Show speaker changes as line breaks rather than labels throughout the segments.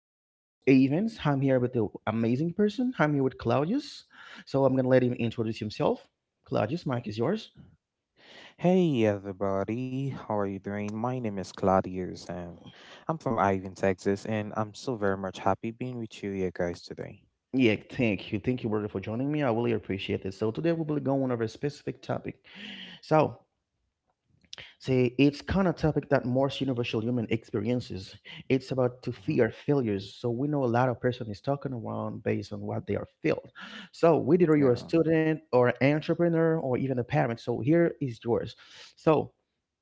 is your host, Evans. I'm here with the amazing person. I'm here with Claudius. So I'm gonna let him introduce himself. Claudius, mic is yours.
Hey everybody, how are you doing? My name is Claudius and I'm from Ivan, Texas, and I'm so very much happy being with you here guys today.
Yeah, thank you. Thank you, brother, for joining me. I really appreciate it. So today we will go on over a specific topic. So say it's kind of topic that most universal human experiences. It's about to fear
hmm
failures. So we know a lot of person is talking around based on what they are filled. So whether you're a
Yeah.
student or an entrepreneur or even a parent, so here is yours. So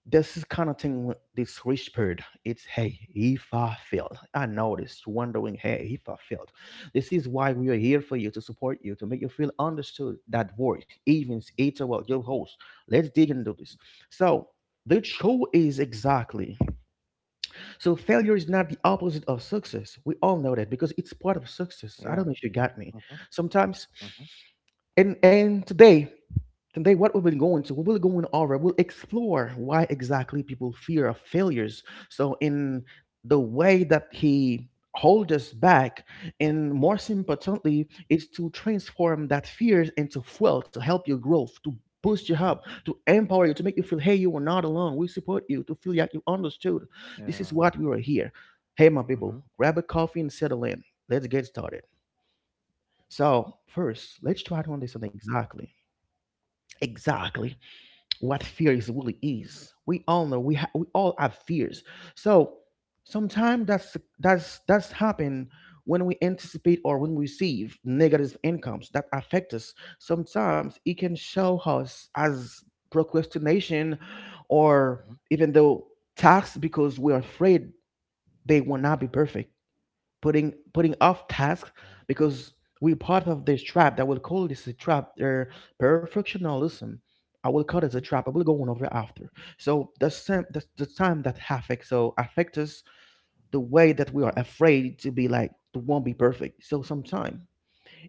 this is kind of thing, this rich bird, it's hey, if I failed, I know this, you're wondering, hey, if I failed, this is why we are here for you, to support you, to make you feel understood. That voice Evens, it's about your host. Let's dig into this. So the show is exactly, so failure is not the opposite of success, we all know that, because it's part of success. I
Yeah.
don't know if you got me
hmm
sometimes.
hmm
And today, today, what we will go into, we will go in over, we'll explore why exactly people fear of failures. So, in the way that he holds us back, and more importantly, is to transform that fears into fuel to help your growth, to boost you up, to empower you, to make you feel, hey, you are not alone. We support you, to feel like you understood. This is
Yeah.
what we are here. Hey, my people,
Mhm.
grab a coffee and settle in. Let's get started. So, first, let's try to understand exactly, exactly what fear is really is. We all know we we all have fears. So sometimes that's happen when we anticipate or when we receive negative incomes that affect us. Sometimes it can show us as procrastination or
Mhm.
even though tasks because we're afraid they will not be perfect, putting off tasks
Yeah.
because we part of this trap that will call this a trap or perfectionism. I will call it a
Mhm.
trap. I will go on over after. So the same the time that affect, so affect us the way that we are afraid to be like to won't be perfect. So sometime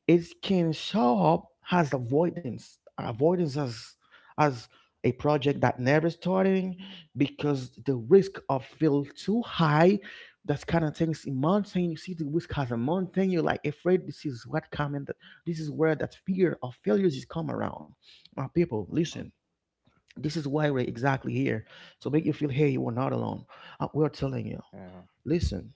it can show up as avoidance as a project that never starting because the risk of feel too high. That's kind of things in mountain. You see the risk as a mountain, you're like afraid, this is what coming, that this is where that fear of failures is come around. People listen,
Mhm.
this is why we're exactly here, so make you feel hey you are not alone. We're telling you,
Yeah.
listen,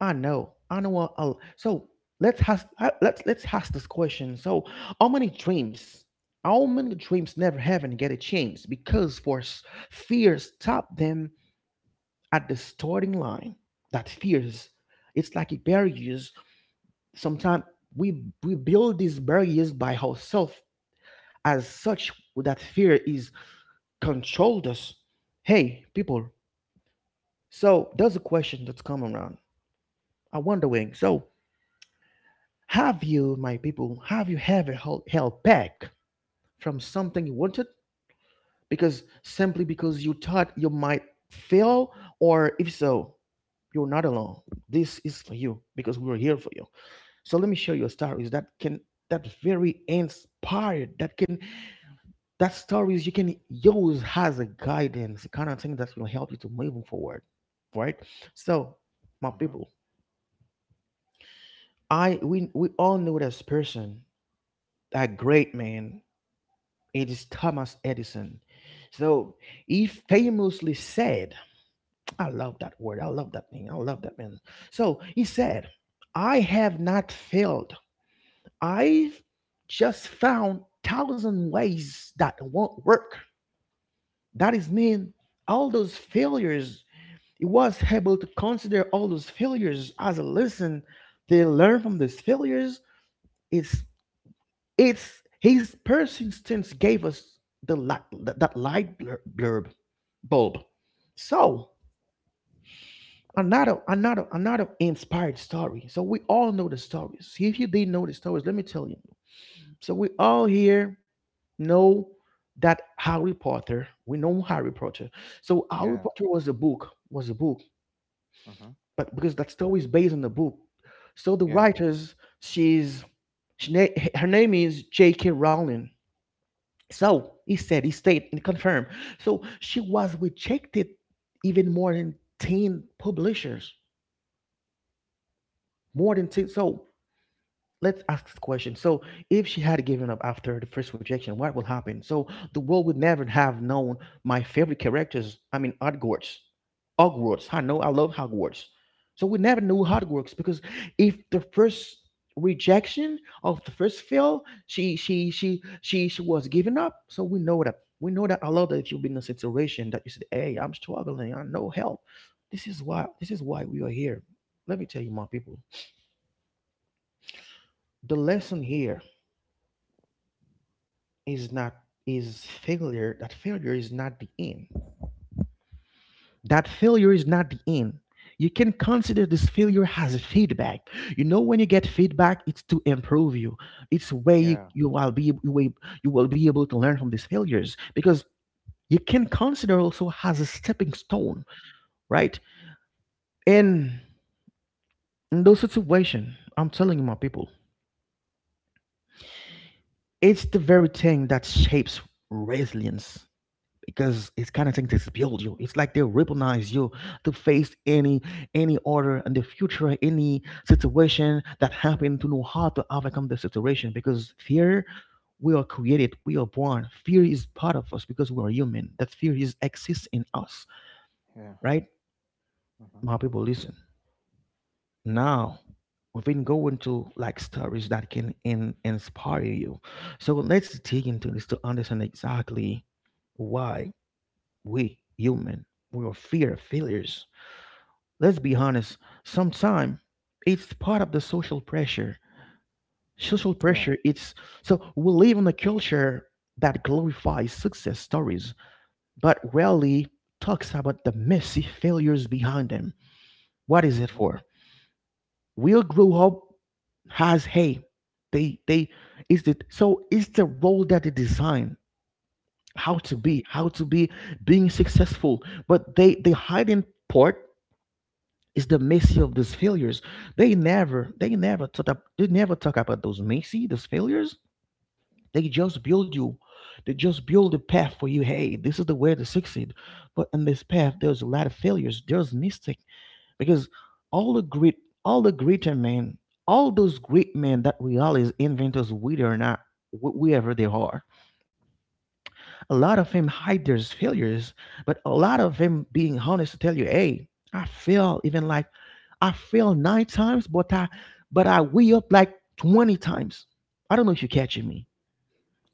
I know. I know. So let's ask. Let's ask this question. So, how many dreams? How many dreams never haven't get a chance because force fear stop them at the starting line. That fears, it's like it barriers. Sometimes we build these barriers by ourselves. As such, that fear is controlled us. Hey, people. So there's a question that's coming around. I wondering. So have you, my people, have you ever held back from something you wanted because simply because you thought you might fail? Or if so, you're not alone. This is for you because we're here for you. So let me show you a stories that can, that very inspired, that can, that stories you can use as a guidance, the kind of thing that will help you to moving forward, right? So, my
Mhm.
people, I we all know this person, that great man. It is Thomas Edison. So he famously said, I love that word. I love that thing. I love that man. So he said, I have not failed. I've just found thousand ways that won't work. That is mean all those failures, he was able to consider all those failures as a lesson. They learn from these failures. It's It's his persistence gave us the light, that that light blur- blurb bulb. So another inspired story. So we all know the stories. If you didn't know the stories, let me tell you. So we all here know that Harry Potter. We know Harry Potter. So Harry
Yeah.
Potter was a book,
Mhm.
but because that story is based on the book, so the
Yeah.
writers, she's her name is J.K. Rowling. So he said, he stayed and confirmed. So she was rejected even more than 10 publishers, more than 10. So let's ask this question. So, if she had given up after the first rejection, what will happen? So, the world would never have known my favorite characters. I mean, Hogwarts. Hogwarts. I know. I love Hogwarts. So we never knew how it works because if the first rejection of the first fail, she was giving up. So we know that, we know that a lot. That if you've been in a situation that you said, "Hey, I'm struggling. I no help." This is why we are here. Let me tell you, my people, the lesson here is not, is failure, that failure is not the end, that failure is not the end. You can consider this failure as a feedback. You know when you get feedback it's to improve you. It's where you,
Yeah.
you will be you will you will be able to learn from these failures because you can consider also as a stepping stone, right?
Mhm.
And in those situations, I'm telling you, my people, it's the very thing that shapes resilience, because it's kind of thing to build you. It's like they weaponize you to face any order in the future, any situation that happen to know how to overcome the situation. Because fear, we are created, we are born. Fear is part of us because we are human. That fear is exists in us,
Yeah.
right?
Mhm.
My people, listen. Now we've been going to like stories that can inspire you. So let's dig into this to understand exactly why we human we are fear failures. Let's be honest, sometime it's part of the social pressure. Social
Yeah.
pressure, it's, so we live in a culture that glorifies success stories, but rarely talks about the messy failures behind them. What is it
Mhm.
for? We'll grow up as hey, they is the, so it's the role that they design
Mhm.
how to be being successful, but they hide in part. It's the messy of those failures. They never talk up, they never talk about those messy, those failures. They just build you. They just build a path for you. Hey, this is the way to succeed. But in this path, there's a lot of failures. There's mistake because all the great, all the greater men, all those great men that we always is inventors, whether or not wherever they are, a lot of them hide their failures. But a lot of them being honest to tell you, hey, I fail even like I fail nine times, but I way up like 20 times. I don't know if you're catching me.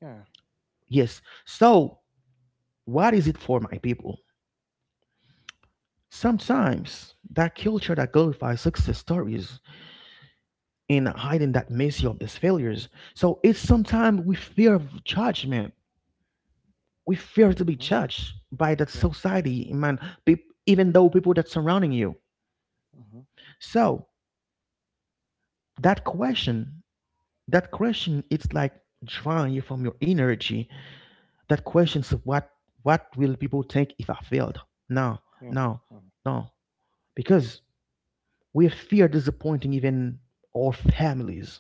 Yeah.
Yes. So what is it for my people? Sometimes that culture that glorifies success stories in hiding that mercy of these failures. So it's sometimes we fear of judgment. We fear to be
Mhm.
judged by that
Yeah.
society, man, pe- even though people that surrounding you.
Mhm.
So that question, that question, it's like drawing you from your energy, that questions of what will people think if I failed? No,
Yeah.
no,
Mhm.
no. Because we fear disappointing even our families,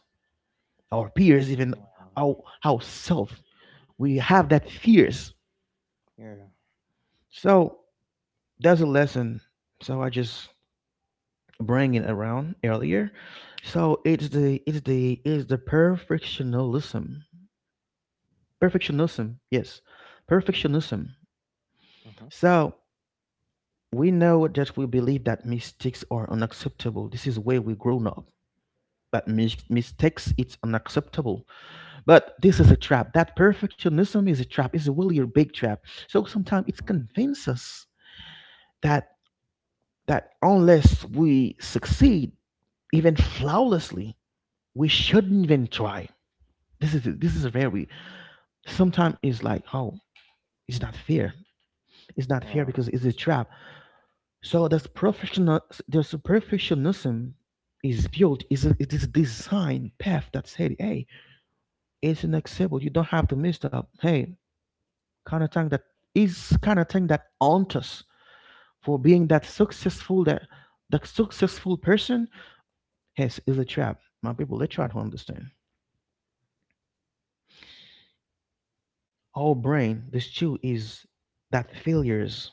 our peers, even
Yeah.
our ourselves. We have that fears.
Yeah.
So that's a lesson. So I just bring it around earlier. So it's the perfectionism. Perfectionism, yes. Perfectionism.
Mhm.
So we know that we believe that mistakes are unacceptable. This is where we grown up. But mistakes, it's unacceptable. But
Yeah.
this is a trap. That perfectionism is a trap. It's really a big trap. So sometimes it
Mhm.
convinces us that, that unless we succeed, even flawlessly, we shouldn't even try. This is a very, sometimes
Mhm.
it's like, oh, it's not fair. It's not fair
Yeah.
because it's a trap. So
Mhm.
this professionalism is built. It is a design path that said, hey, it's unacceptable. You don't have to mess up. Hey, kind of thing that is kind of thing that haunts us for being that successful, that that successful person. Yes, is a trap. My people, they try to understand. Our brain, this too, is that failures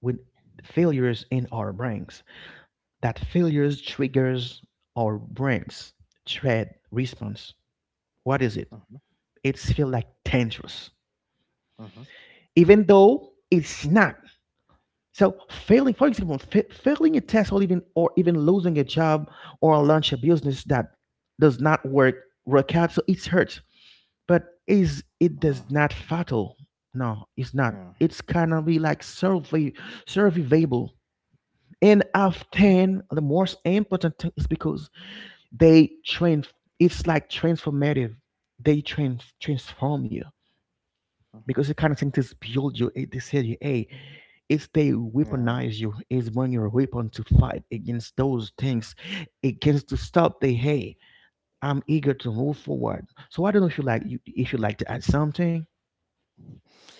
with failures in our brains. That failures triggers our brains threat response. What is it?
Mhm.
It's feel like dangerous,
Mhm.
even though it's not. So failing, for example, failing a test, or even losing a job, or launch a business that does not work out, so it hurts. But is it
Uh,
does not fatal? No, it's not.
yeah.
It's kind of be like surveyable. And
Mhm.
often the most important thing is because they train. It's like transformative. They transform you.
Mhm.
Because the kind of think this build you this ADA is they
Yeah.
weaponize you is bring your weapon to fight against those things against to stop the, hey, I'm eager to move forward. So I don't know if you like if you like to add something.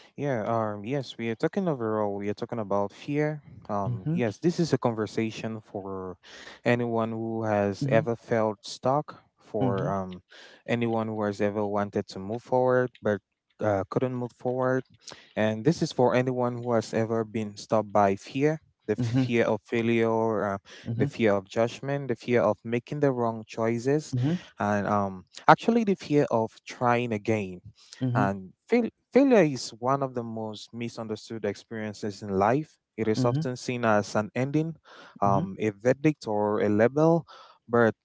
Yeah. Yes. We are talking overall. We are talking about fear.
Mm-hmm,
Yes. This is a conversation for anyone who has
mm-hmm,
ever felt stuck. For
mm-hmm,
anyone who has ever wanted to move forward but couldn't move forward. And this is for anyone who has ever been stopped by fear, the
mm-hmm,
fear of failure, the
mm-hmm,
fear of judgment, the fear of making the wrong choices, and actually the fear of trying again.
mm-hmm, mm-hmm,
And failure is one of the most misunderstood experiences in life. It is
mm-hmm,
often seen as an ending,
mm-hmm.
a verdict, or a label. But.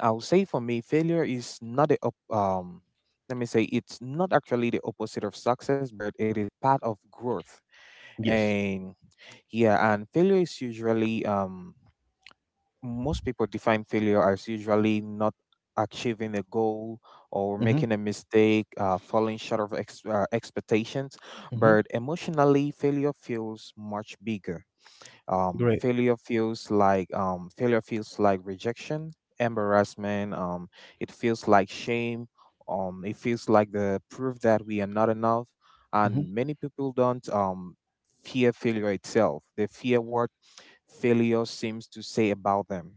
I'll say for me, failure is not the op- um. Let me say it's not actually the opposite of success, but it is part of growth.
Yes.
And yeah, and failure is usually most people define failure as usually not achieving a goal or
Mm-hmm,
making a mistake, falling short of expectations.
mm-hmm.
But emotionally, failure feels much bigger,
Great.
failure feels like rejection, embarrassment. It feels like shame. It feels like the proof that we are not enough.
Mm-hmm,
And many people don't fear failure itself. They fear what failure seems to say about them.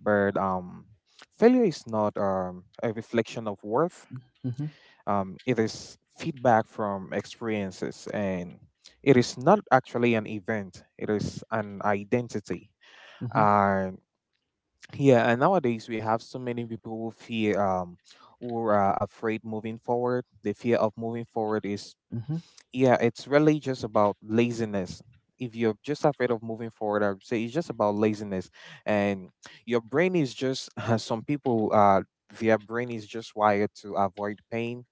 But Failure is not a reflection of worth.
mm-hmm,
It is feedback from experiences, and it is not actually an event, it is an identity.
mm-hmm,
And yeah, and nowadays we have so many people who fear, who are afraid moving forward. The fear of moving forward is,
mm-hmm,
yeah, it's really just about laziness. If you're just afraid of moving forward, I would say it's just about laziness, and your brain is just some people their brain is just wired to avoid pain,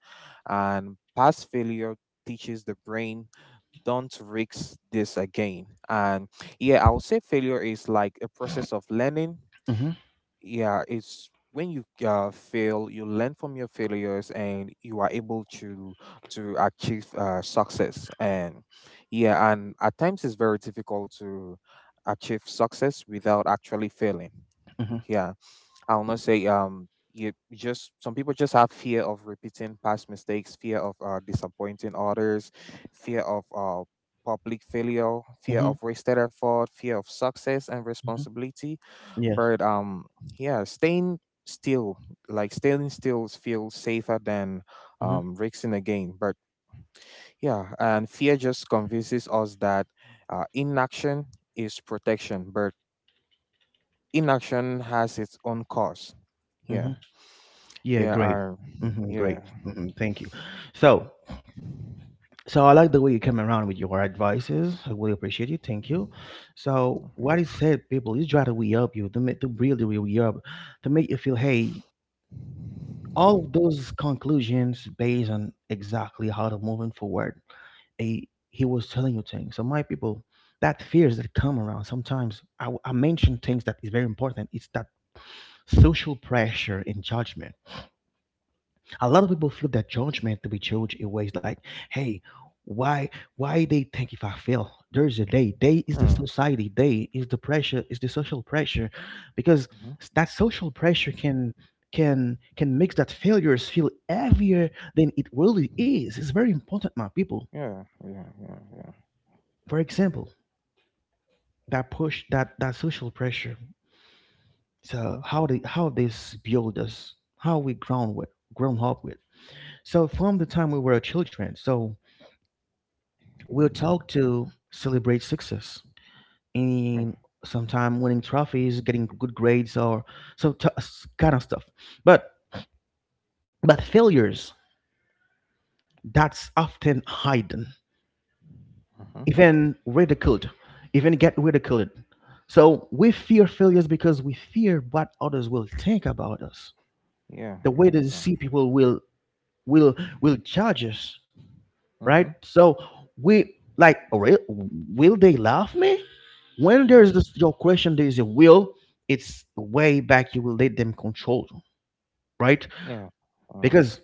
and past failure teaches the brain don't risk this again. And yeah, I would say failure is like a process of learning.
mm-hmm,
Yeah, it's when you fail you learn from your failures and you are able to achieve success. And yeah, and at times it's very difficult to achieve success without actually failing.
mm-hmm,
Yeah. I'll not say you you just some people just have fear of repeating past mistakes, fear of disappointing others, fear of public failure, fear
mm-hmm,
of wasted effort, fear of success and
mm-hmm.
responsibility.
Yes.
But yeah, staying still, like staying still feels safer than
Mm-hmm,
risking again. But yeah, and fear just convinces us that inaction is protection, but inaction has its own cost. Yeah.
mm-hmm. Yeah,
Yeah,
great.
I,
Mm-hmm,
yeah.
great. Mm-hmm, thank you. So So I like the way you came around with your advices. I really appreciate you. Thank you. So
Okay.
what is said, people, is try to we up you to make to really really we up to make you feel hey, all those conclusions based on exactly how to moving forward. A he was telling you things. So my people, that fears that come around sometimes I mention things that is very important. It's that social pressure and judgment. A lot of people feel that judgment to be judged in ways like, hey, why why they think if I fail? There's a day. Day is the
Mm,
society, day is the pressure, is the social pressure. Because
mhm.
that social pressure can can make that failures feel heavier than it really is. It's very important, my people.
Yeah, yeah, yeah, yeah.
For example, that push that social pressure. So
Huh.
how they how this build us, how we ground with grown up with. So from the time we were children, so we'll talk to celebrate success in
Yeah.
sometime winning trophies, getting good grades, or so kind of stuff. But but failures, that's often hidden,
Uh huh.
even ridiculed, even get ridiculed. So we fear failures because we fear what others will think about us, the
Yeah,
way they
yeah,
see
yeah.
people will will judge us, right?
Uh huh.
So we like, will they love me? When there is this, your question, there is a will. It's way back. You will let them control you, right?
Yeah. Uh,
Because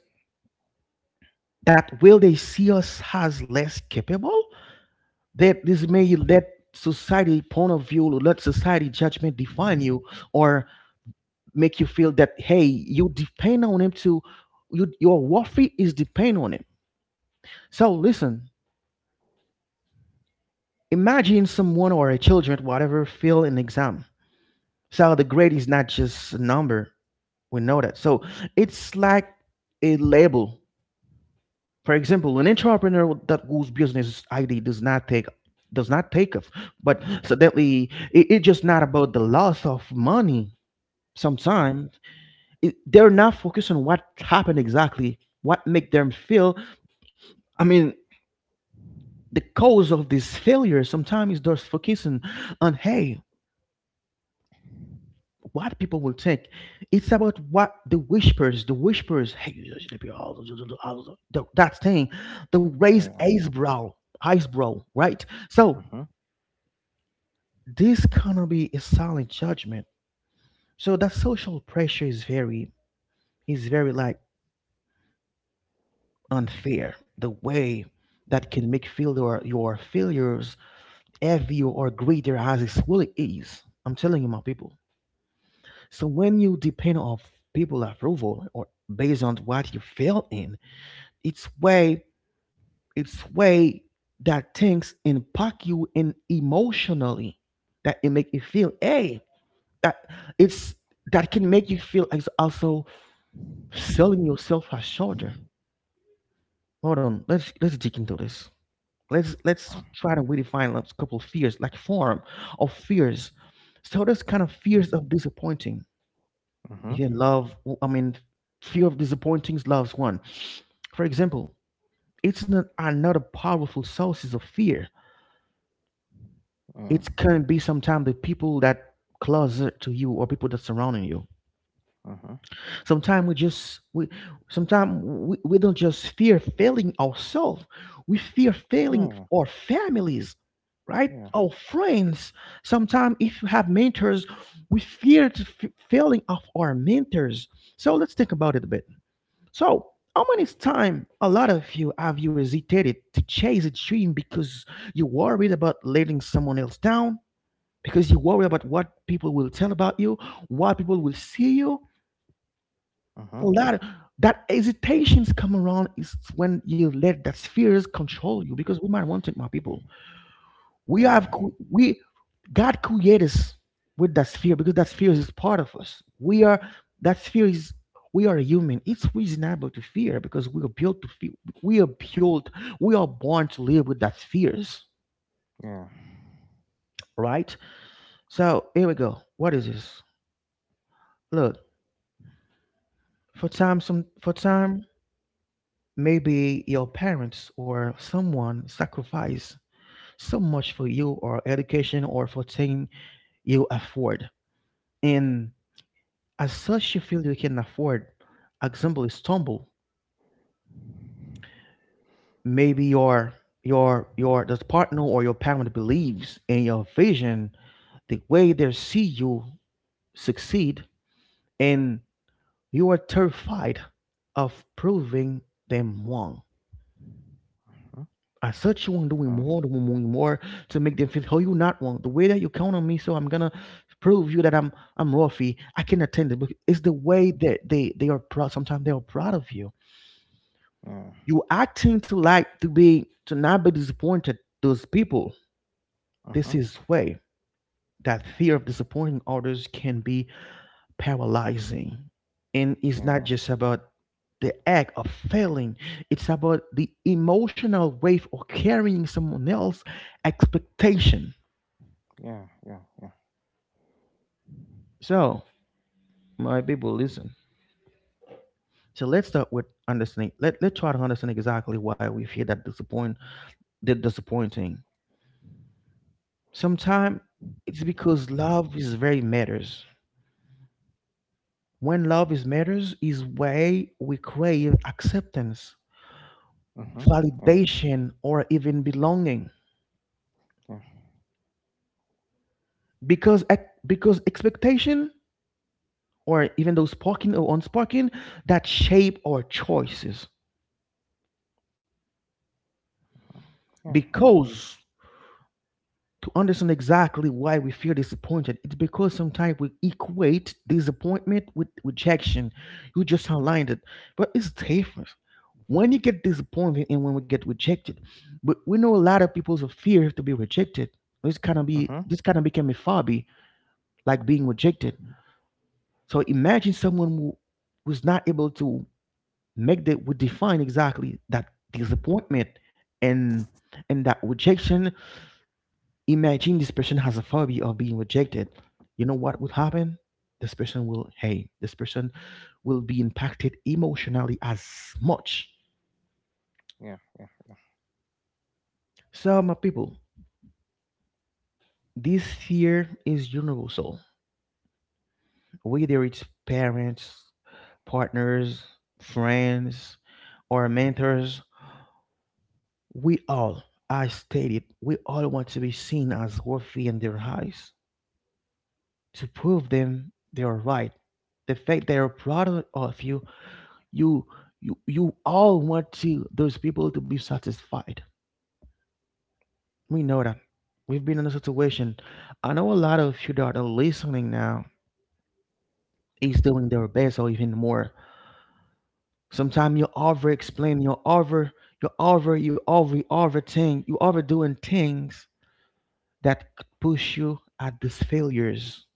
that will they see us as less capable? That this may let society point of view, let society judgment define you, or make you feel that hey, you depend on him to you. Your worthy is depend on him. So listen, imagine someone or a children, whatever, fail an exam. So the grade is not just a number. We know that. So it's like a label. For example, an entrepreneur that whose business ID does not take off, but suddenly it's just not about the loss of money.
yeah,
Sometimes it, they're not focused on what happened exactly, what make them feel. I mean, the cause of this failure sometimes is just focusing on hey, what people will think. It's about what the whispers, hey, you just need to be that thing, the raised
yeah.
eyebrow, right? So
Huh. Huh.
this cannot be a solid judgment. So that social pressure is very like unfair. The way that can make feel your failures heavier or greater as it really is. I'm telling you, my people. So when you depend on people approval or based on what you fail in, It's way it's way that things impact you in emotionally that it make you feel hey that it's that can make you feel as also selling yourself as shorter. Hold on, let's dig into this. Let's try to redefine a couple fears, like form of fears. So there's kind of fears of disappointing. Even love, I mean, fear of disappointing loves one. For example, it's not another powerful sources of fear. It
Yeah.
can be sometimes the people that closer to you or people that surrounding you.
Uh huh.
sometimes we just we sometimes we don't just fear failing ourselves, we fear failing our
Yeah,
families, right, our
yeah.
friends. Sometimes if you have mentors, we fear to failing of our mentors. So let's think about it a bit. So how many times a lot of you have you hesitated to chase a dream because you're worried about letting someone else down, because you worry about what people will tell about you, what people will see you.
Uh
A
huh.
lot that hesitations come around is when you let that fears control you. Because we might want to, my people, we
Yeah.
have cre- we God created us with that fear because that fear is part of us. We are that fear is we are human. It's reasonable to fear because we are built to fear. We are built. We are born to live with that fears,
Yeah.
right? So here we go. What is this? Look, for time, some for time, maybe your parents or someone sacrificed so much for you or education or for thing you afford. And as such you feel you can afford. Example is stumble. Maybe your the partner or your parent believes in your vision, the way they see you succeed, and you are terrified of proving them wrong.
Mhm.
I search you on doing more,
Uh,
doing more, doing more to make them feel how you not want the way that you count on me. So I'm gonna prove you that I'm Rafi. I can attend it. But it's the way that they are proud. Sometimes they are proud of you.
Yeah.
You acting to like to be to not be disappointed. Those people.
Uh
This
huh.
is way that fear of disappointing others can be paralyzing. And it's not just
Yeah.
about the act of failing, it's about the emotional weight of carrying someone else's expectation.
Yeah. Yeah. Yeah.
So, my people, listen. So let's start with understanding. Let's try to understand exactly why we feel that disappointing. Sometimes it's because love is very matters. When love is matters is why we crave acceptance,
Mm-hmm. Yeah.
validation, or even belonging.
Yeah.
Because because expectation or even though spoken or unspoken that shape our choices,
Yeah. Yeah. Yeah.
because to understand exactly why we feel disappointed, it's because sometimes we equate disappointment with rejection. You just aligned it, but it's different when you get disappointed and when we get rejected. But we know a lot of people's fear to be rejected.
Mm-hmm.
This kind of became a phobia, like being rejected. So imagine someone who was not able to make that would define exactly that disappointment and and that rejection. Imagine this person has a phobia of being rejected. You know what would happen? This person will hey, this person will be impacted emotionally as much.
Yeah. Yeah.
So my people, this fear is universal, whether it's parents, partners, friends, or mentors. We all, I stated, we all want to be seen as worthy in their eyes. To prove them they are right. The fact they are proud of you, you you all want to those people to be satisfied. We know that. We've been in a situation. I know a lot of you that are listening now is doing their best or even more. Sometimes you over explain, you overthink, you overdoing things that could push you at these failures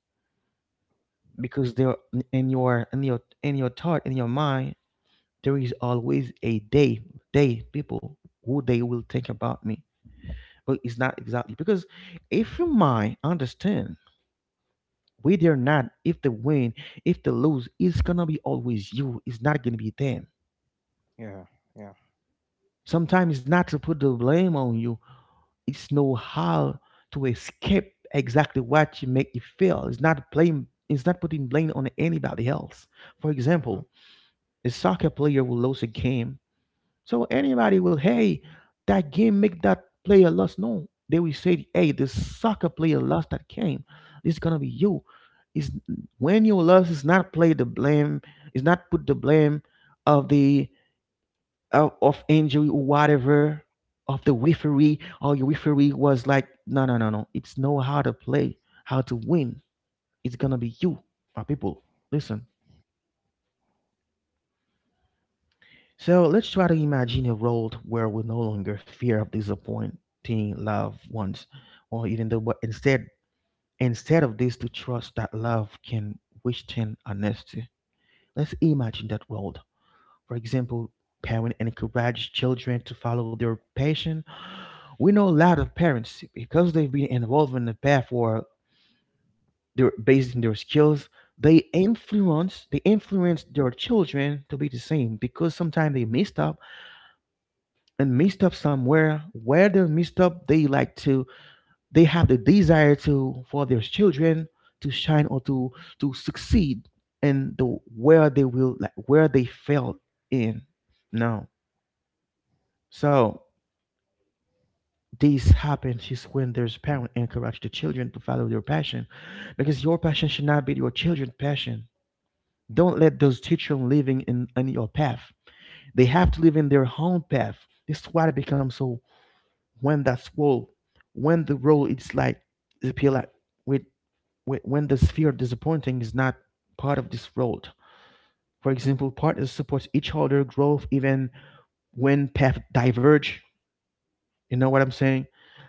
because they're in your thought in your mind. There is always a day, people who they will think about me. But it's not exactly because if your mind understand whether or not if they win, if they lose, it's gonna be always you, it's not gonna be them.
Yeah. Yeah.
Sometimes it's not to put the blame on you. It's know how to escape exactly what you make you feel. It's not blame, it's not putting blame on anybody else. For example,
Mm-hmm.
a soccer player will lose a game. So anybody will, hey, that game make that player lost. No, they will say, hey, this soccer player lost that game. This is gonna be you. Is when you lost, it's not play the blame. It's not put the blame of the of injury or whatever of the referee or your referee was like, no, no, no, no. It's know how to play, how to win. It's gonna be you, my people. Listen. So let's try to imagine a world where we no longer fear of disappointing loved ones, or even though, but instead, instead of this, to trust that love can withstand honesty. Let's imagine that world. For example, parents encourage children to follow their passion. We know a lot of parents because they've been involved in the path where they're based in their skills. They influence their children to be the same because sometimes they messed up and messed up somewhere where they're messed up, they have the desire to, for their children to shine or to succeed in the, where they will, like where they failed in. No. So this happens is when there's parent encourage the children to follow their passion, because your passion should not be your children's passion. Don't let those children living in your path. They have to live in their own path. This is why they become so, when that swole when the role is like the pillar, with, with when the sphere disappointing is not part of this role. For example, partners support each other growth even when paths diverge, you know what I'm saying.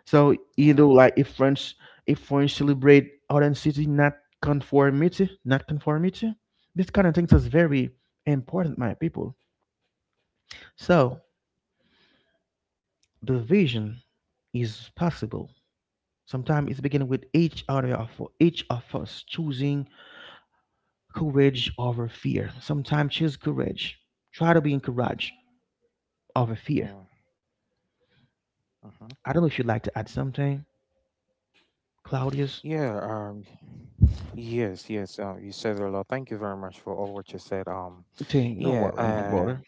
So either
Yeah.
like if French celebrate authenticity, not conformity, not conformity. This kind of things is very important, my people. So the vision is possible. Sometimes it's beginning with each of us choosing courage over fear. Sometimes choose courage. Try to be in courage over fear.
Yeah. Uh-huh.
I don't know if you'd like to add something, Claudius.
Yeah. Yes. Yes. You said a lot. Thank you very much for all what you said.
Thing, don't
Yeah.
worry, my brother.
And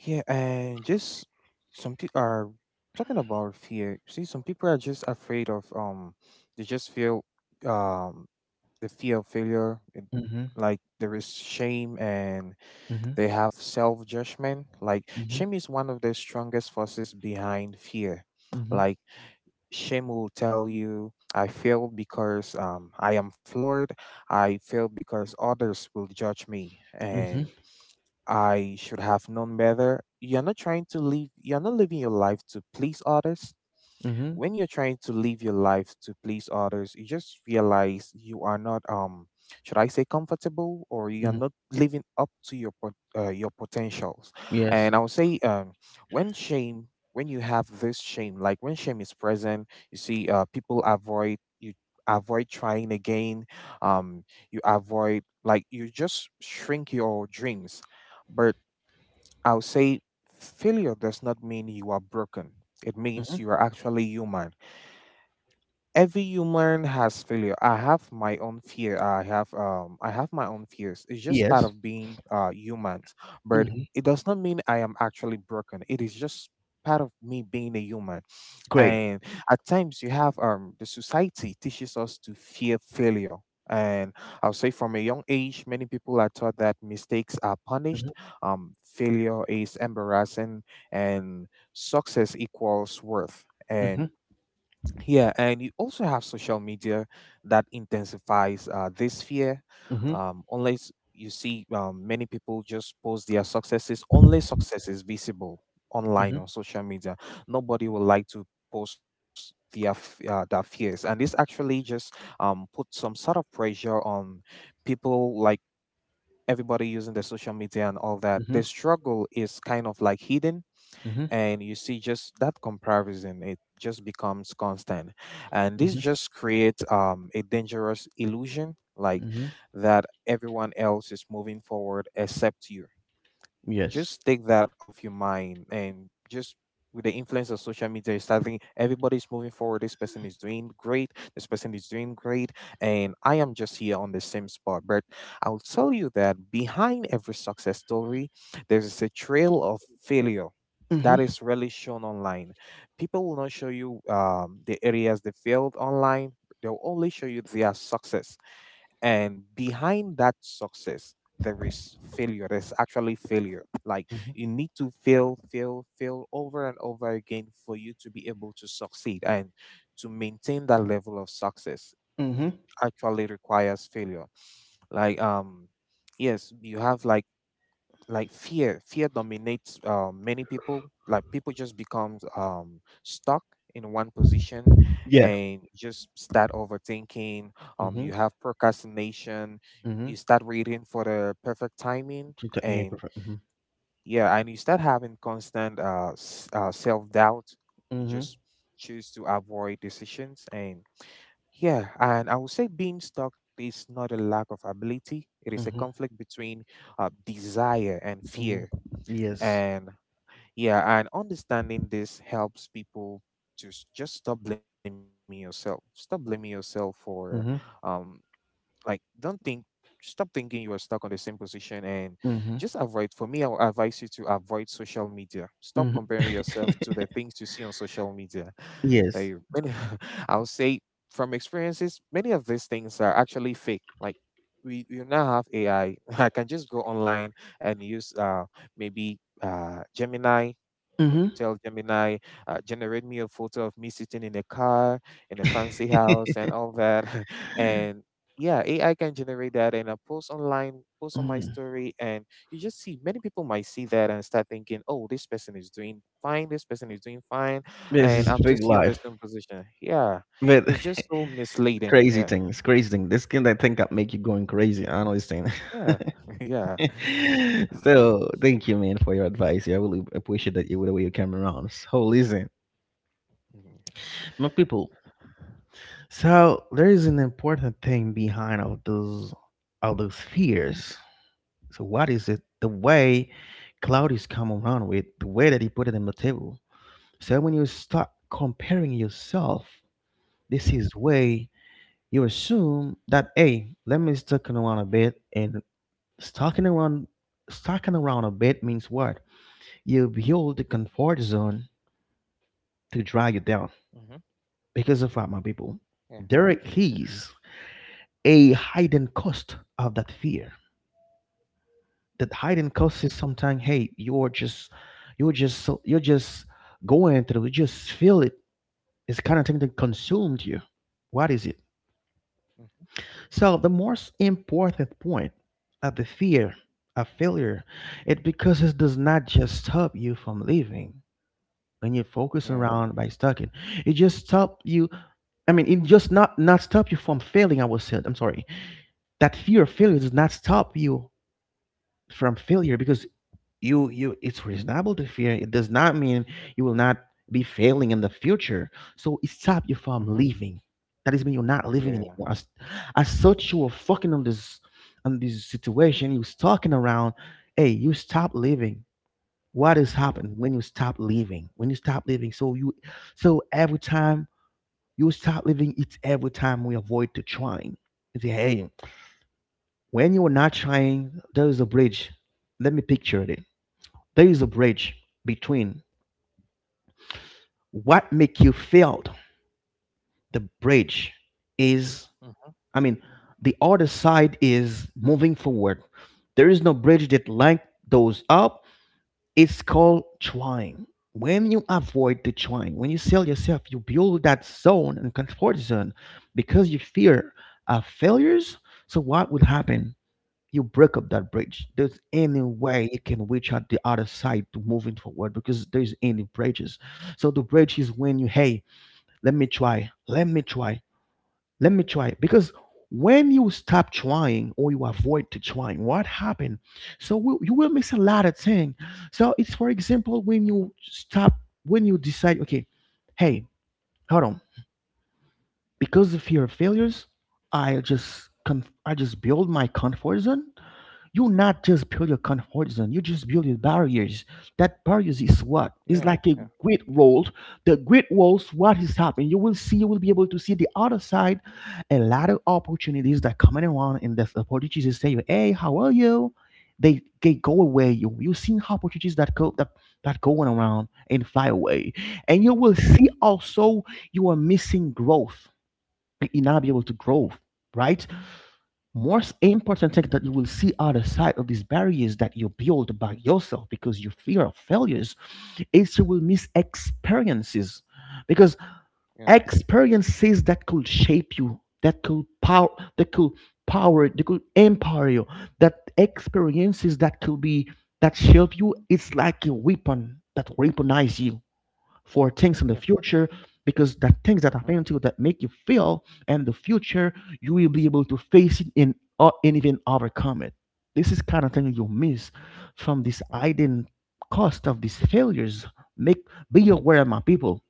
yeah. And just some people are talking about fear. See, some people are just afraid of. They just feel. Um. The fear of failure. And
Mhm,
like there is shame and
mhm,
they have self judgment. Like
mhm,
shame is one of the strongest forces behind fear.
mhm,
Like shame will tell you, I failed because I am flawed. I failed because others will judge me
mhm,
and I should have known better. You're not trying to live, you're not living your life to please others.
mhm,
When you're trying to live your life to please others, you just realize you are not should I say comfortable, or you are
mhm.
not living up to your your potentials.
Yes.
And I would say when shame when you have this shame, like when shame is present, you see people avoid, you avoid trying again, um you avoid like you just shrink your dreams. But I would say failure does not mean you are broken. It means you
Mhm.
are actually human. Every human has failure. I have my own fear. I have my own fears. It's just part
Yes.
of being humans. But
Mhm.
it does not mean I am actually broken. It is just part of me being a human.
Great.
And at times you have the society teaches us to fear failure. And I'll say from a young age, many people are taught that mistakes are
Mhm,
punished, failure is embarrassing, and success equals worth. And
mhm,
yeah, and you also have social media that intensifies this fear.
mhm,
Unless you see many people just post their successes, only success is visible
mhm,
online on social media. Nobody would like to post their their fears, and this actually just put some sort of pressure on people like everybody using the social media and all that.
mhm,
The struggle is kind of like hidden,
mhm,
and you see just that comparison, it just becomes constant, and this
mhm,
just creates a dangerous illusion like
mhm.
that everyone else is moving forward except you.
Yes.
Just take that off your mind, and just with the influence of social media you start thinking everybody's moving forward, this person is doing great, this person is doing great, and I am just here on the same spot. But I'll tell you that behind every success story there's a trail of failure that
Mhm,
is really shown online. People will not show you the areas they failed online, they'll only show you their success. And behind that success there is failure, there's actually failure. Like
mhm,
you need to fail, fail, fail over and over again for you to be able to succeed, and to maintain that level of success
mhm.
actually requires failure. like um yes, you have like, fear dominates many people, like people just become stuck in one position
Yeah.
and just start overthinking.
Mhm,
You have procrastination.
mhm.
You start waiting for the perfect timing,
Yeah,
and
perfect.
yeah, and you start having constant self-doubt. You
Mhm.
just choose to avoid decisions. And yeah, and I would say being stuck is not a lack of ability, it is a
Mhm.
conflict between desire and fear.
Mhm. Yes.
And yeah, and understanding this helps people to just stop blaming yourself. Stop blaming yourself for
Mhm.
um like, don't think, stop thinking you are stuck on the same position, and just
Mhm.
avoid. For me, I'll advise you to avoid social media. Stop
Mhm.
comparing yourself to the things you see on social media. Like,
Yes.
many, I'll say from experiences, many of these things are actually fake. You now have AI. I I can just go online and use maybe Gemini.
Mhm.
Tell Gemini, generate me a photo of me sitting in a car, in a fancy house, and all that. And yeah, AI can generate that and I post online, post on my
Mm.
story, and you just see many people might see that and start thinking, oh, this person is doing fine, this person is doing fine,
This
and
is
I'm
big
just here on the
life.
same position. Yeah,
But
it's just so misleading.
crazy
Yeah,
things, crazy thing. This kind, I think that make you going crazy. I understand.
yeah, yeah.
So thank you, man, for your advice. I really appreciate that you the way you came around. So listen,
Mhm.
my people. So there is an important thing behind all those fears. So what is it? The way Cloud is come around with the way that he put it on the table. So when you start comparing yourself,
Yeah.
this is way you assume that, hey, let me stuck around a bit and stalking around stalking around a bit means what? You build the comfort zone to drag you
hmm
down. Because of what, my
yeah.
people. There is a hidden cost of that fear. That
hmm
hiding causes sometimes, hey, you're just going through, you just feel it. It's kind of thing that consumed you. What is it?
hmm
So the most important point of the fear of failure, it, because it does not just stop you from living when you
yeah.
focus around by stucking, it just stop you. I mean, it just not stop you from failing. I was said, I'm sorry. That fear of failure does not stop you from failure because you it's reasonable to fear. It does not mean you will not be failing in the future. So it stop you
hmm
from living. That is mean you're not
yeah.
living anymore as such. You were fucking on this situation you was talking around. Hey, you stop living. What is
hmm
happening When you stop living, so you, so every time you stop living, it's every time we avoid to trying. You say, hey, when you are not trying, there is a bridge. Let me picture this. There is a bridge between what make you failed. The bridge is,
hmm
I mean, the other side is moving forward. There is no bridge that link those up. It's called trying. When you avoid the trying, when you sell yourself, you build that zone and comfort zone because you fear failures. So what would happen? You break up that bridge. There's any
Yeah.
way you can reach out the other side to moving forward because there's any bridges. So the bridge is when you, hey, let me try, let me try, let me try. Because when you stop trying or you avoid to trying, what happened? So you will miss a lot of things. So it's for example
Mhm.
when you stop, when you decide, okay, hey, hold on, because of fear of failures, I just build my comfort zone. You not just build your con horizon, you just build your barriers. That barriers is what?
Yeah.
It's
Yeah.
like a great wall. The great walls, what is happening? You will see, you will be able to see the other side, a lot of opportunities that coming around, and the opportunities they say, hey, how are you? They go away. You seen opportunities that go, that going around and fly away. And
Mhm.
you will see also you are missing growth. You not be able
Yeah.
to grow, right?
Mhm.
Most important thing that you will see other side of these barriers that you build by yourself because you fear of failures is you will miss experiences, because
Yeah.
experiences that could shape you, that could that could empower you, that experiences that could be, that shape you, it's like a weapon that weaponize you for things
Yeah.
in the
Yeah.
future, because the things that
Mhm.
happen to you that make you feel in the future, you will be able to face it, and even overcome it. This is kind of thing you miss from this hidden cost of these failures. Make, be aware, my people.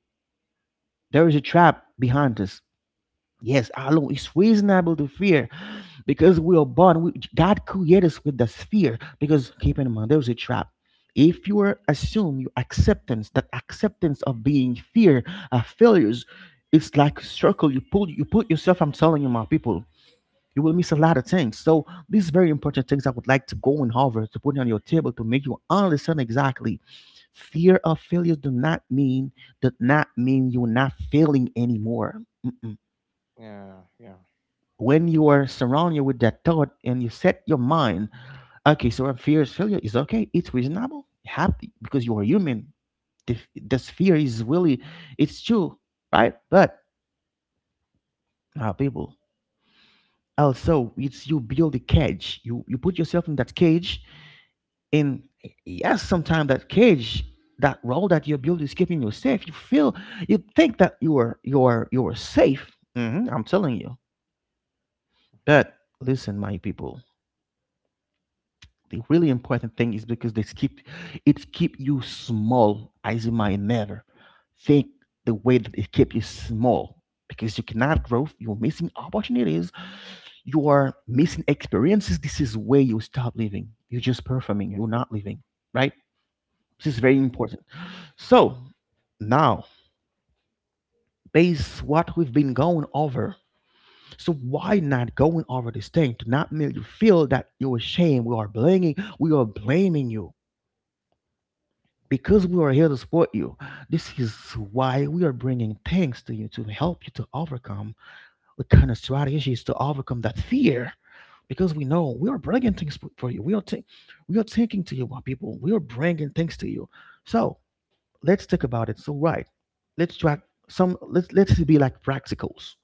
There is a trap behind this. Yes, alone. It's reasonable to fear because we are born. God created us with this fear. Because keep in mind, there's a trap. If you are assume your acceptance, that acceptance of being fear of failures, it's like circle. You pull, you put yourself. I'm telling you, my people, you will miss a lot of things. So these very important things I would like to go and hover to put on your table to make you understand exactly. Fear of failure do not mean does not mean you're not failing anymore. Mm-mm.
Yeah. Yeah. Yeah.
When you are surrounded with that thought and you set your mind, okay, so a fear is failure is okay. It's reasonable, happy, because you are human. This fear is really, it's true, right? But people, also, it's you build a cage. You put yourself in that cage, and yes, sometimes that cage, that role that you build is keeping you safe. You feel, you think that you are safe. Mhm, I'm telling you.
Mhm.
But listen, my people. The really important thing is because they keep it keep you small as you might never think. The way that it keep you small, because you cannot grow, you're missing opportunities,
Yeah.
you are missing experiences. This is where you stop living. You're just
Yeah.
performing, you're not living, right? This is very
Mhm.
important. So now, based what we've been going over, so why not going over this thing to not make you feel that you're ashamed. We are blaming you because we are here to support you. This is why we are bringing things to you to help you to overcome, the kind of strategies to overcome that fear. Because we know we are bringing things for you. We are thinking to you about people. We are bringing things to you. So let's talk about it. So right, let's try some. Let's be like practicals.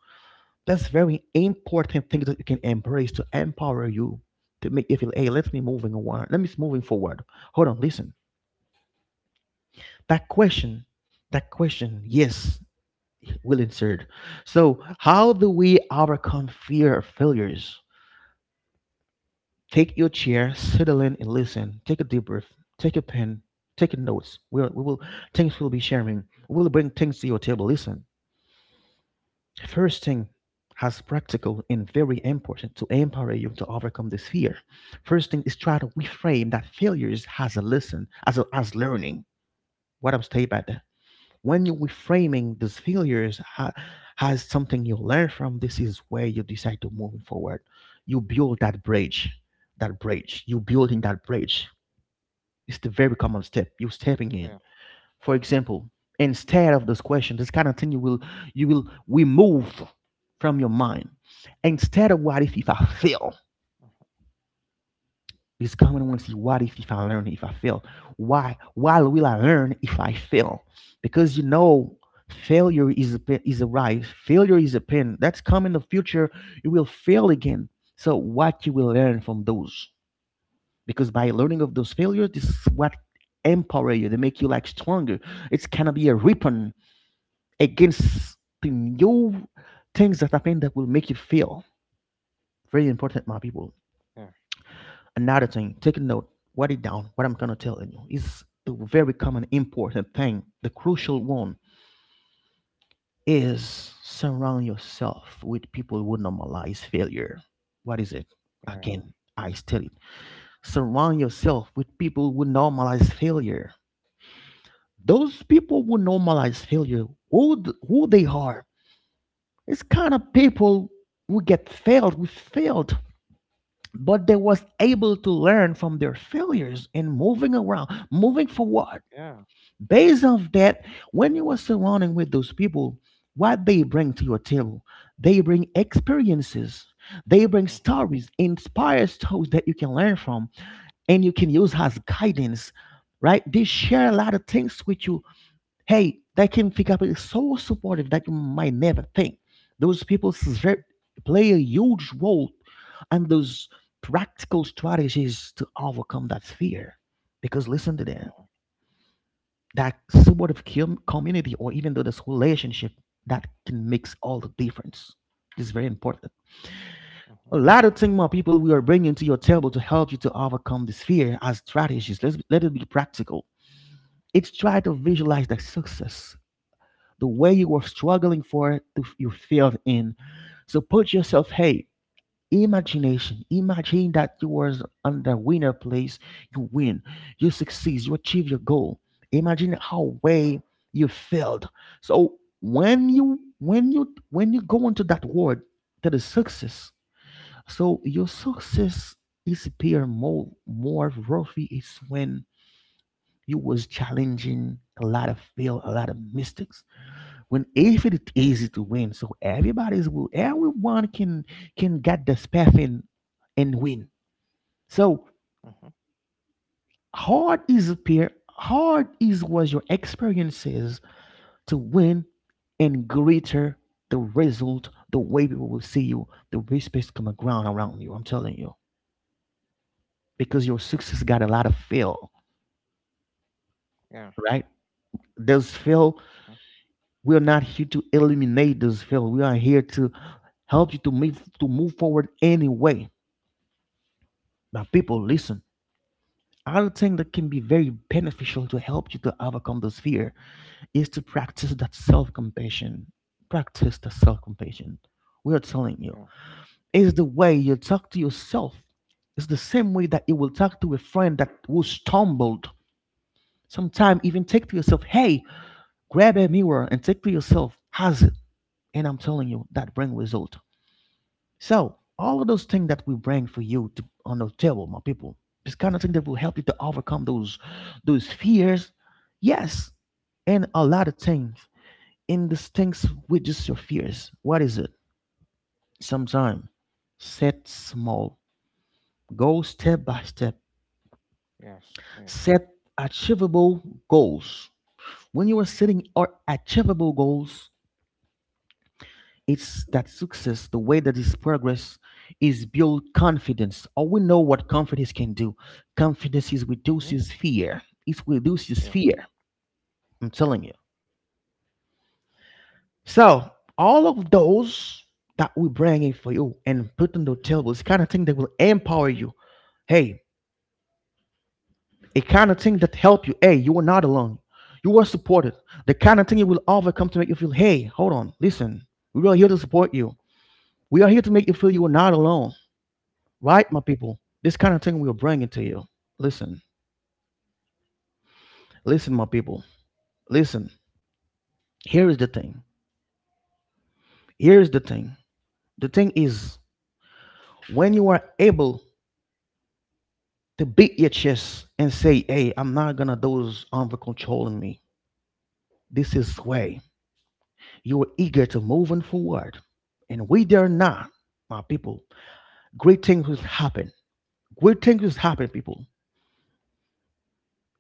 That's very important things that you can embrace to empower you to make you feel, hey, let me moving on. Let me moving forward. Hold on, listen. that question that question, yes, will insert. So how do we overcome fear of failures? Take your chair, settle in and listen. Take a deep breath. Take a pen, take a notes. We will, things we'll be sharing, we'll bring things to your table. Listen. First thing has practical and very important to empower you to overcome this fear. First thing is try to reframe that failures as a lesson, as learning. What I'm saying about? When you reframing these failures has something you learn from, this is where you decide to move forward. You build that bridge. That bridge, you building that bridge, it's the very
Yeah.
common step you stepping in. For example, instead of this question, this kind of thing you will remove from your mind. Instead of what if I fail. It's common to want to see, what if I learn if I fail. Why will I learn if I fail? Because, you know, failure is a pain, is a right. Failure is a pain. That's coming in the future. You will fail again. So what you will learn from those? Because by learning of those failures, this is what empower you. They make you like stronger. It's gonna be a weapon against the new things that happen that will make you fail. Very important, my people.
Yeah.
Another thing, take a note, write it down, what I'm gonna tell you, is a very common important thing. The crucial one is, surround yourself with people who normalize failure. What is it?
Yeah.
Again, I tell it. Surround yourself with people who normalize failure. Those people who normalize failure, who they are, it's kind of people who get failed, who failed, but they was able to learn from their failures and moving around, moving forward
Yeah.
based off that. When you are surrounding with those people, what they bring to your table, they bring experiences, they bring
Mhm.
stories, inspire stories that you can learn from and you can
Mhm.
use as guidance, right? They share a lot of things with you. Hey, they can pick up, is so supportive that you might never think. Those people is play a huge role, and those practical strategies to overcome that fear. Because listen to this,
Yeah.
that support of community or even though this relationship, that can makes all the difference. This is very important.
Mhm.
A lot of things my people we are bringing to your table to help you to overcome this fear as strategies. Let's, let it be practical. It's try to visualize the success. The way you were struggling for it, you failed in, so put yourself, hey, imagination. Imagine that you was on the winner place. You win. You succeed. You achieve your goal. Imagine how way you failed. So when you go into that word, that is success. So your success is appear more worthy is when you was challenging a lot of fail, a lot of mistakes. When if it's easy to win, so everybody's will, everyone can get the path in and win. So
Mhm.
hard is appear, hard is was your experiences to win and greater the result, the way people will see you, the respect's come around you. I'm telling you, because your success got a lot of fail,
Yeah.
right? Those fail,
Mhm.
we're not here to eliminate those fail. We are here to help you to move, to move forward anyway. Now,
Mhm.
people, listen. Other thing that can be very beneficial to help you to overcome this fear is to practice that self-compassion. Practice the self-compassion. We are
Yeah.
telling you. It's the way you talk to yourself. It's the same way that you will talk to a friend that who stumbled. Sometimes even take to yourself, hey, grab a mirror and take to yourself, has it? And I'm telling you, that bring result. So all of those things that we bring for you to on the table, my people, this kind of thing that will help you to overcome those fears. Yes, and a lot of things. And these things with just your fears. What is it? Sometime set small. Go step by step.
Yes. Yes.
Set achievable goals. When you are setting or achievable goals, it's that success, the way that is progress is build confidence. All we know what confidence can do. Confidence is
Mhm.
reduces fear. It reduces
Yes.
fear. I'm telling you. So all of those that we bring in for you and put on the table is kind of thing that will empower you. Hey, a kind of thing that help you. Hey, you are not alone. You are supported. The kind of thing you will overcome to make you feel, hey, hold on, listen, we are here to support you. We are here to make you feel you are not alone.
Mhm.
Right, my people? This kind of thing we're bringing to you. Listen, listen, my people. Listen, here is the thing. Here is the thing. The thing is, when you are able to beat your chest and say, hey, I'm not gonna those over controlling me. This is way. You are eager to moving forward. And we dare not, my people. Great things will happen. Great things will happen, people.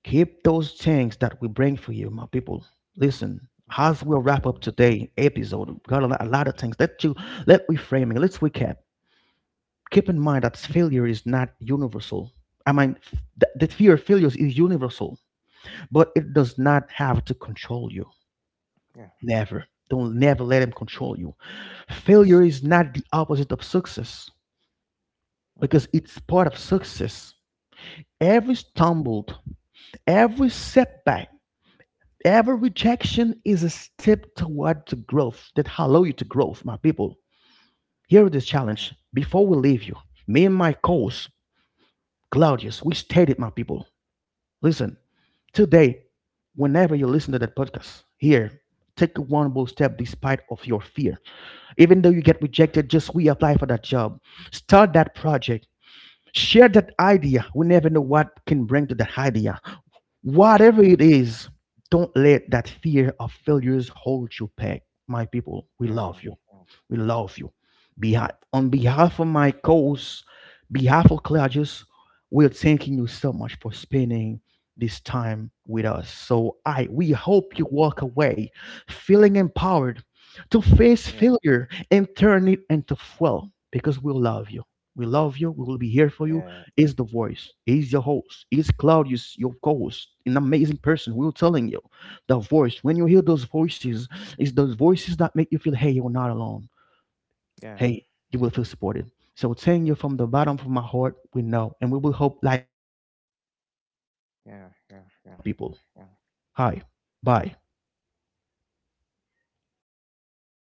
Keep those things that we bring for you, my people. Listen,
Mhm.
as we wrap
Yeah.
up today episode, we've got a lot of things. Let you let reframing. Let's recap. Keep in mind that failure is not universal. I mean, the fear of failures is universal, but it does not have to control you.
Yeah.
Never. Don't never let them control you.
Yes.
Failure is not the opposite of success
Mhm.
because it's part of success. Every
Mhm.
stumbled, every setback, every rejection is a step toward to growth that allow you to growth, my people. Here is this
Yeah.
challenge. Before we leave you, me and my coach, Claudius, we stated, my people, listen, today, whenever you listen to that podcast here, take one bold step despite of your fear. Even though you get rejected, just reapply for that job. Start that project. Share that idea. We never know what can bring to that idea.
Mhm.
Whatever it is, don't let that fear of failures hold you back. My people, we
Yeah.
love you. We love you. On behalf of my cause, behalf of Claudius, we're thanking you so much for spending this time with us. So I we hope you walk away feeling empowered to
Yeah.
face
Yeah.
failure and turn it into fuel because we love you. We love you. We will be here for you.
Yeah.
Is the voice. Is your host. Is Claudius your co-host? An amazing person. We are telling you, the voice. When you hear those voices, it's those voices that make you feel, hey, you're not alone,
Yeah.
hey, you will feel supported. So thank you from the bottom of my heart. We know, and we will hope like you enjoy this.
Yeah. Yeah.
We
Yeah.
love you,
Yeah.
my
Yeah.
people.
Yeah.
Hi, bye.
Yeah. Bye,